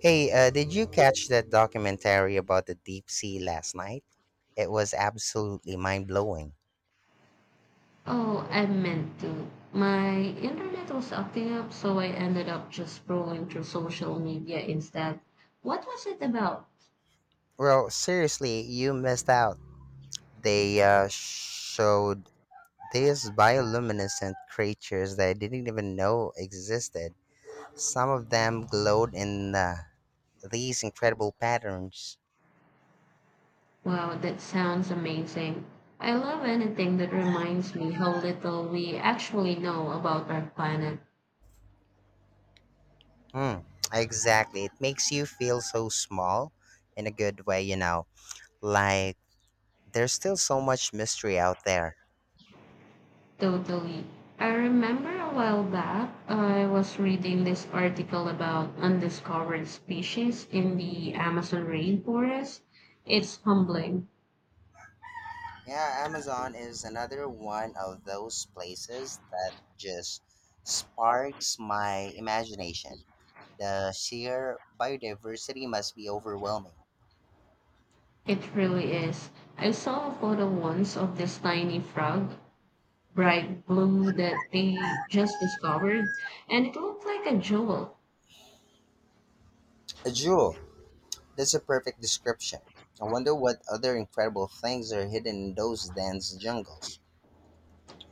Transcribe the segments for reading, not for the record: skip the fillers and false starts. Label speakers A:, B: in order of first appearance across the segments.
A: Hey, did you catch that documentary about the deep sea last night? It was absolutely mind blowing.
B: Oh, I meant to. My internet was acting up, so I ended up just scrolling through social media instead. What was it about?
A: Well, seriously, you missed out. They showed these bioluminescent creatures that I didn't even know existed. Some of them glowed in these incredible patterns.
B: Wow, that sounds amazing. I love anything that reminds me how little we actually know about our planet.
A: Hmm, exactly. It makes you feel so small in a good way. Like, there's still so much mystery out there.
B: Totally. I remember a while back, I was reading this article about undiscovered species in the Amazon rainforest. It's humbling.
A: Yeah, Amazon is another one of those places that just sparks my imagination. The sheer biodiversity must be overwhelming.
B: It really is. I saw a photo once of this tiny frog, bright blue, that they just discovered, and it looked like a jewel.
A: A jewel. That's a perfect description. I wonder what other incredible things are hidden in those dense jungles.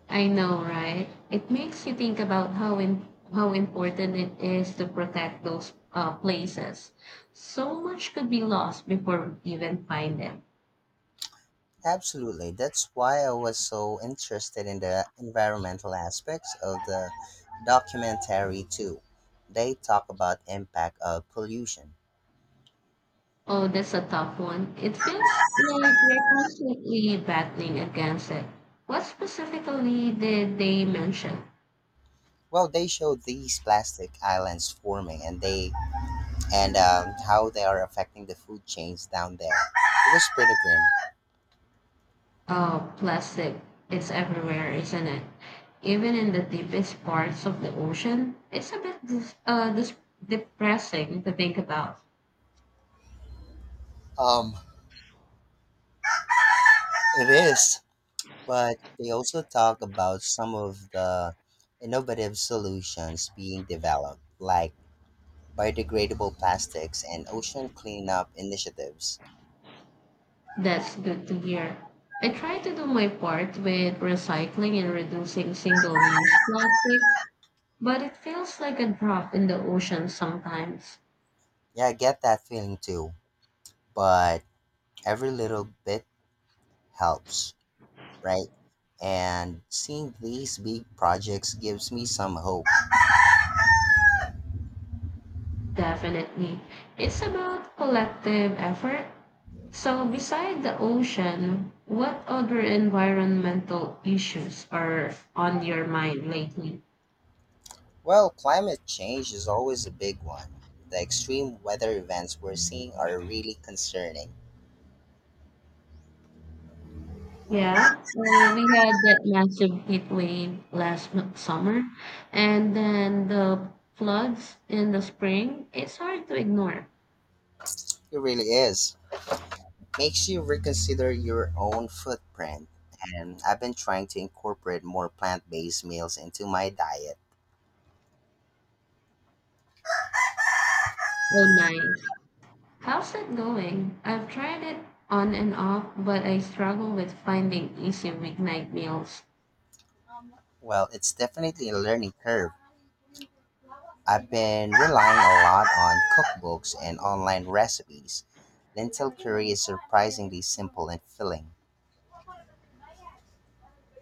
B: I know, right? It makes you think about how important it is to protect those places. So much could be lost before we even find them.
A: Absolutely. That's why I was so interested in the environmental aspects of the documentary too. They talk about impact of pollution.
B: Oh, that's a tough one. It feels like we're constantly battling against it. What specifically did they mention?
A: Well, they showed these plastic islands forming and how they are affecting the food chains down there. It was pretty grim.
B: Oh, plastic is everywhere, isn't it? Even in the deepest parts of the ocean. It's a bit depressing to think about.
A: Um, it is, but they also talk about some of the innovative solutions being developed, like biodegradable plastics and ocean cleanup initiatives.
B: That's good to hear. I try to do my part with recycling and reducing single use plastic, but it feels like a drop in the ocean sometimes.
A: Yeah, I get that feeling too, but every little bit helps, right? And seeing these big projects gives me some hope.
B: Definitely. It's about collective effort. So, beside the ocean, what other environmental issues are on your mind lately?
A: Well, climate change is always a big one. The extreme weather events we're seeing are really concerning.
B: Yeah, well, we had that massive heat wave last summer, and then the floods in the spring. It's hard to ignore.
A: It really is. Makes you reconsider your own footprint. And I've been trying to incorporate more plant based meals into my diet.
B: Oh, nice. How's that going? I've tried it on and off, but I struggle with finding easy weeknight meals.
A: Well, it's definitely a learning curve. I've been relying a lot on cookbooks and online recipes. Lentil curry is surprisingly simple and filling.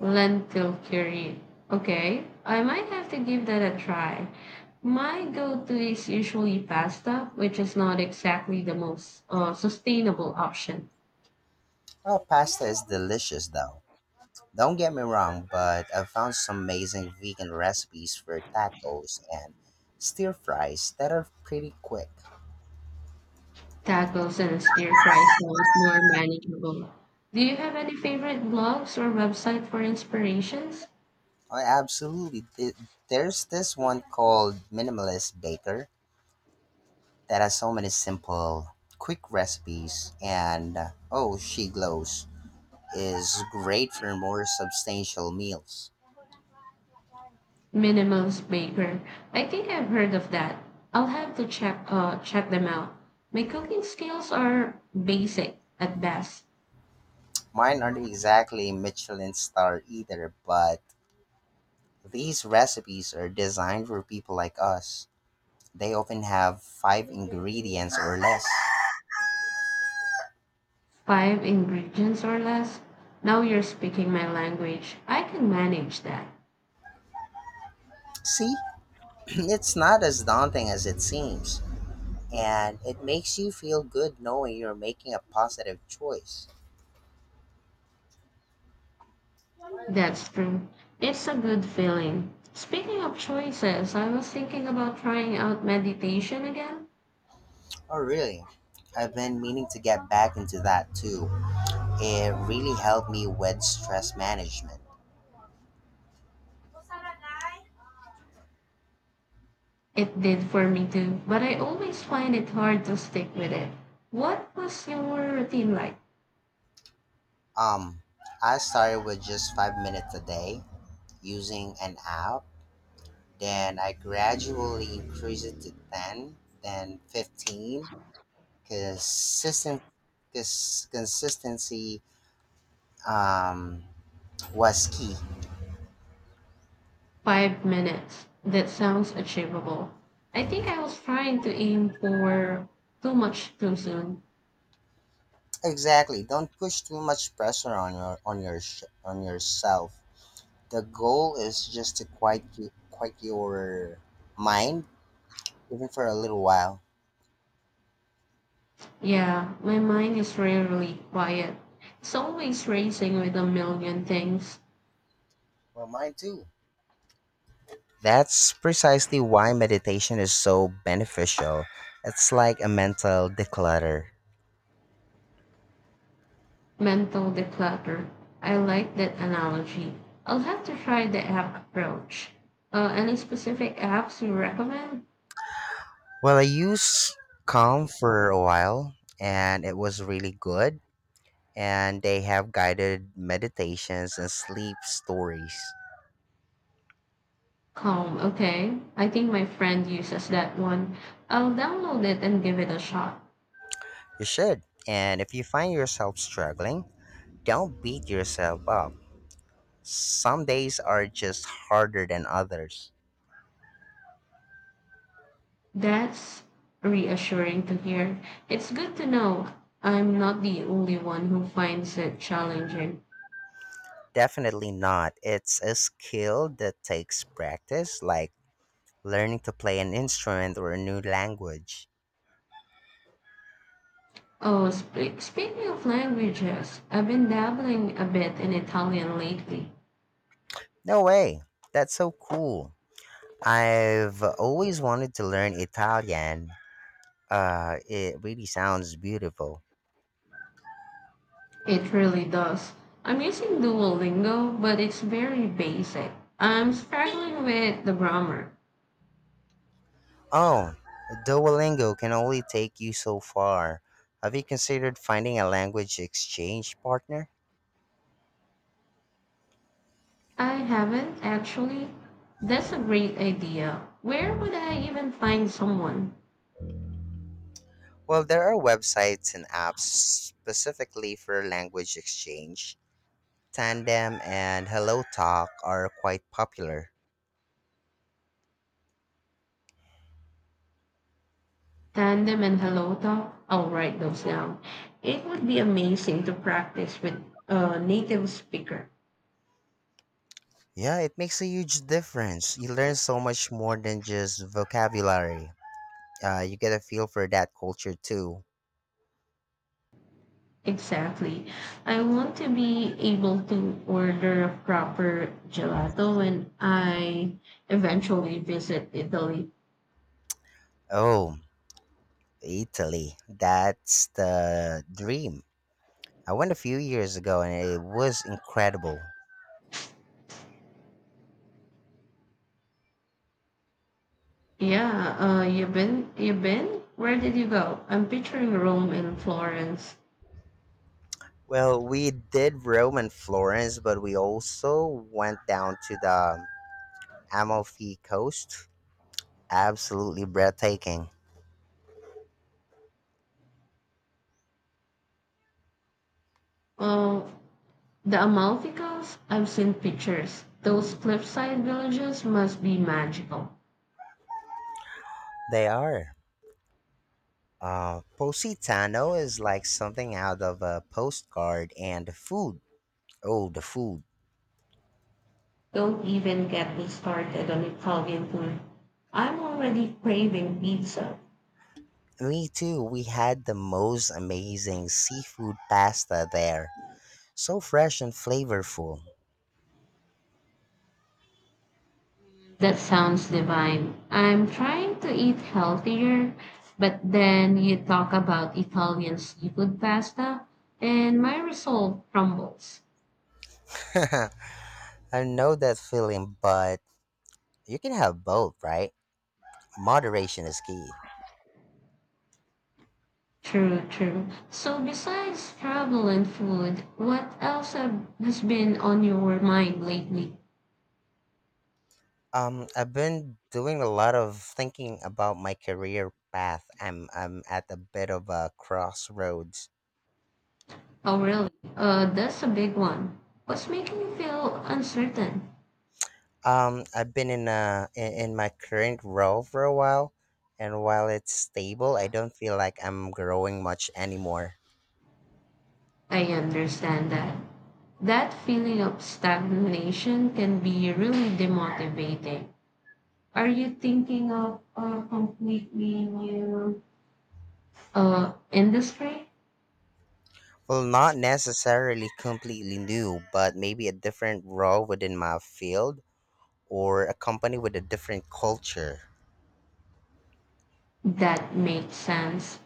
B: Lentil curry. Okay, I might have to give that a try. My go-to is usually pasta, which is not exactly the most sustainable option.
A: Oh, pasta is delicious though. Don't get me wrong, but I found some amazing vegan recipes for tacos and stir fries that are pretty quick.
B: Tacos and stir fry sounds more manageable. Do you have any favorite blogs or website for inspirations?
A: I absolutely th- there's this one called Minimalist Baker that has so many simple, quick recipes, and oh, she glows is great for more substantial meals.
B: Minimalist Baker. I think I've heard of that. I'll have to check them out. My cooking skills are basic at best,
A: Mine aren't exactly Michelin star either, but these recipes are designed for people like us. They often have five ingredients or less.
B: five ingredients or less. Now you're speaking my language. I can manage that.
A: See, it's not as daunting as it seems, and it makes you feel good knowing you're making a positive choice.
B: That's true. It's a good feeling. Speaking of choices, I was thinking about trying out meditation again.
A: Oh, really? I've been meaning to get back into that too. It really helped me with stress management.
B: It did for me too, but I always find it hard to stick with it. What was your routine like?
A: Um, I started with just 5 minutes a day using an app. Then I gradually increased it to 10, then 15, consistent consistency um, was key.
B: 5 minutes. That sounds achievable. I think I was trying to aim for too much too soon.
A: Exactly, don't push too much pressure on on yourself. The goal is just to quiet your mind, even for a little while.
B: Yeah, my mind is rarely quiet. It's always racing with a million things.
A: Well, mine too. That's precisely why meditation is so beneficial. It's like a mental declutter.
B: Mental declutter. I like that analogy. I'll have to try the app approach. Any specific apps you recommend?
A: Well, I used Calm for a while and it was really good, and they have guided meditations and sleep stories.
B: Calm, okay. I think my friend uses that one. I'll download it and give it a shot.
A: You should. And if you find yourself struggling, don't beat yourself up. Some days are just harder than others.
B: That's reassuring to hear. It's good to know I'm not the only one who finds it challenging.
A: Definitely not. It's a skill that takes practice, like learning to play an instrument or a new language.
B: Oh, speaking of languages, I've been dabbling a bit in Italian lately.
A: No way. That's so cool. I've always wanted to learn Italian. It really sounds beautiful.
B: It really does. I'm using Duolingo, but it's very basic. I'm struggling with the grammar.
A: Oh, Duolingo can only take you so far. Have you considered finding a language exchange partner?
B: I haven't actually. That's a great idea. Where would I even find someone?
A: Well, there are websites and apps specifically for language exchange. Tandem and Hello Talk are quite popular.
B: Tandem and Hello Talk? I'll write those down. It would be amazing to practice with a native speaker.
A: Yeah, it makes a huge difference. You learn so much more than just vocabulary. You get a feel for that culture too.
B: Exactly. I want to be able to order a proper gelato when I eventually visit Italy.
A: Oh, Italy. That's the dream. I went a few years ago and it was incredible.
B: Yeah, you've been? Where did you go? I'm picturing Rome and Florence.
A: Well, we did Rome and Florence, but we also went down to the Amalfi Coast. Absolutely breathtaking.
B: Well, the Amalfi Coast, I've seen pictures. Those cliffside villages must be magical.
A: They are. Positano is like something out of a postcard, and the food. Oh, the food.
B: Don't even get me started on Italian food. I'm already craving pizza.
A: Me too. We had the most amazing seafood pasta there. So fresh and flavorful.
B: That sounds divine. I'm trying to eat healthier, but then you talk about Italian seafood pasta, and my resolve crumbles.
A: I know that feeling, but you can have both, right? Moderation is key.
B: True, true. So, besides travel and food, what else has been on your mind lately?
A: I've been doing a lot of thinking about my career path. I'm at a bit of a crossroads.
B: Oh, really? That's a big one. What's making you feel uncertain?
A: I've been in my current role for a while, and while it's stable, I don't feel like I'm growing much anymore.
B: I understand that. That feeling of stagnation can be really demotivating. Are you thinking of a completely new industry?
A: Well, not necessarily completely new, but maybe a different role within my field or a company with a different culture.
B: That makes sense.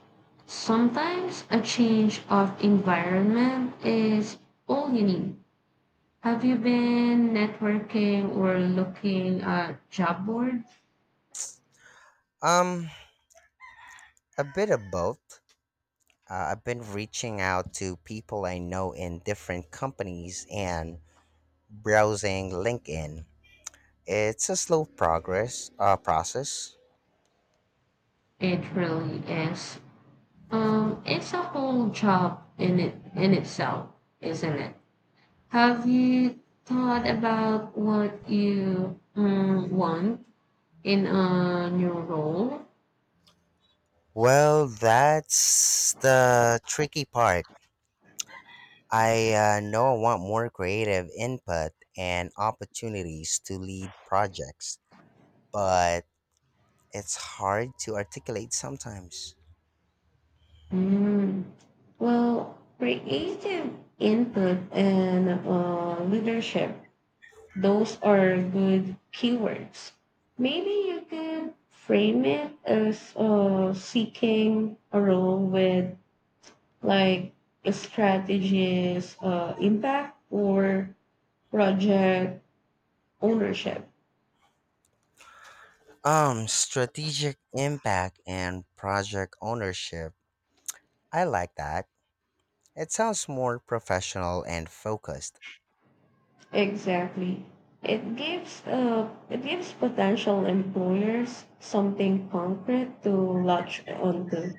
B: Sometimes a change of environment is all you need. Have you been networking or looking at job boards?
A: Um, a bit of both. I've been reaching out to people I know in different companies and browsing LinkedIn. It's a slow progress process.
B: It really is. It's a whole job in itself, isn't it? Have you thought about what you want in a new role?
A: Well, that's the tricky part. I know I want more creative input and opportunities to lead projects, but it's hard to articulate sometimes.
B: Mm. Well, creative input and leadership, those are good keywords. Maybe you could frame it as seeking a role with like a strategist impact or project ownership.
A: Strategic impact and project ownership. I like that. It sounds more professional and focused.
B: Exactly. It gives potential employers something concrete to latch onto.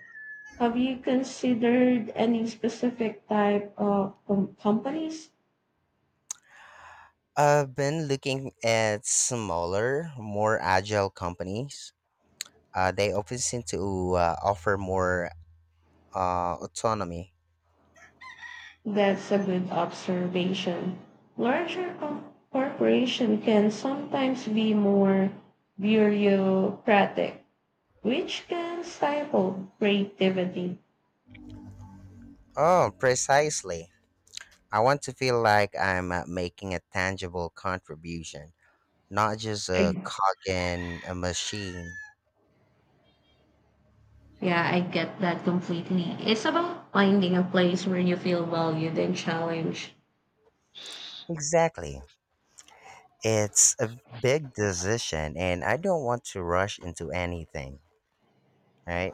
B: Have you considered any specific type of companies?
A: I've been looking at smaller, more agile companies. They often seem to offer more autonomy.
B: That's a good observation. Larger corporation can sometimes be more bureaucratic, which can stifle creativity.
A: Oh, precisely. I want to feel like I'm making a tangible contribution, not just a cog in a machine.
B: Yeah, I get that completely. It's about finding a place where you feel valued and challenged.
A: Exactly. It's a big decision, and I don't want to rush into anything, right?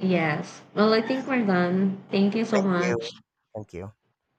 B: Yes. Well, I think we're done. Thank you so
A: Thank you.
B: much.
A: Thank you.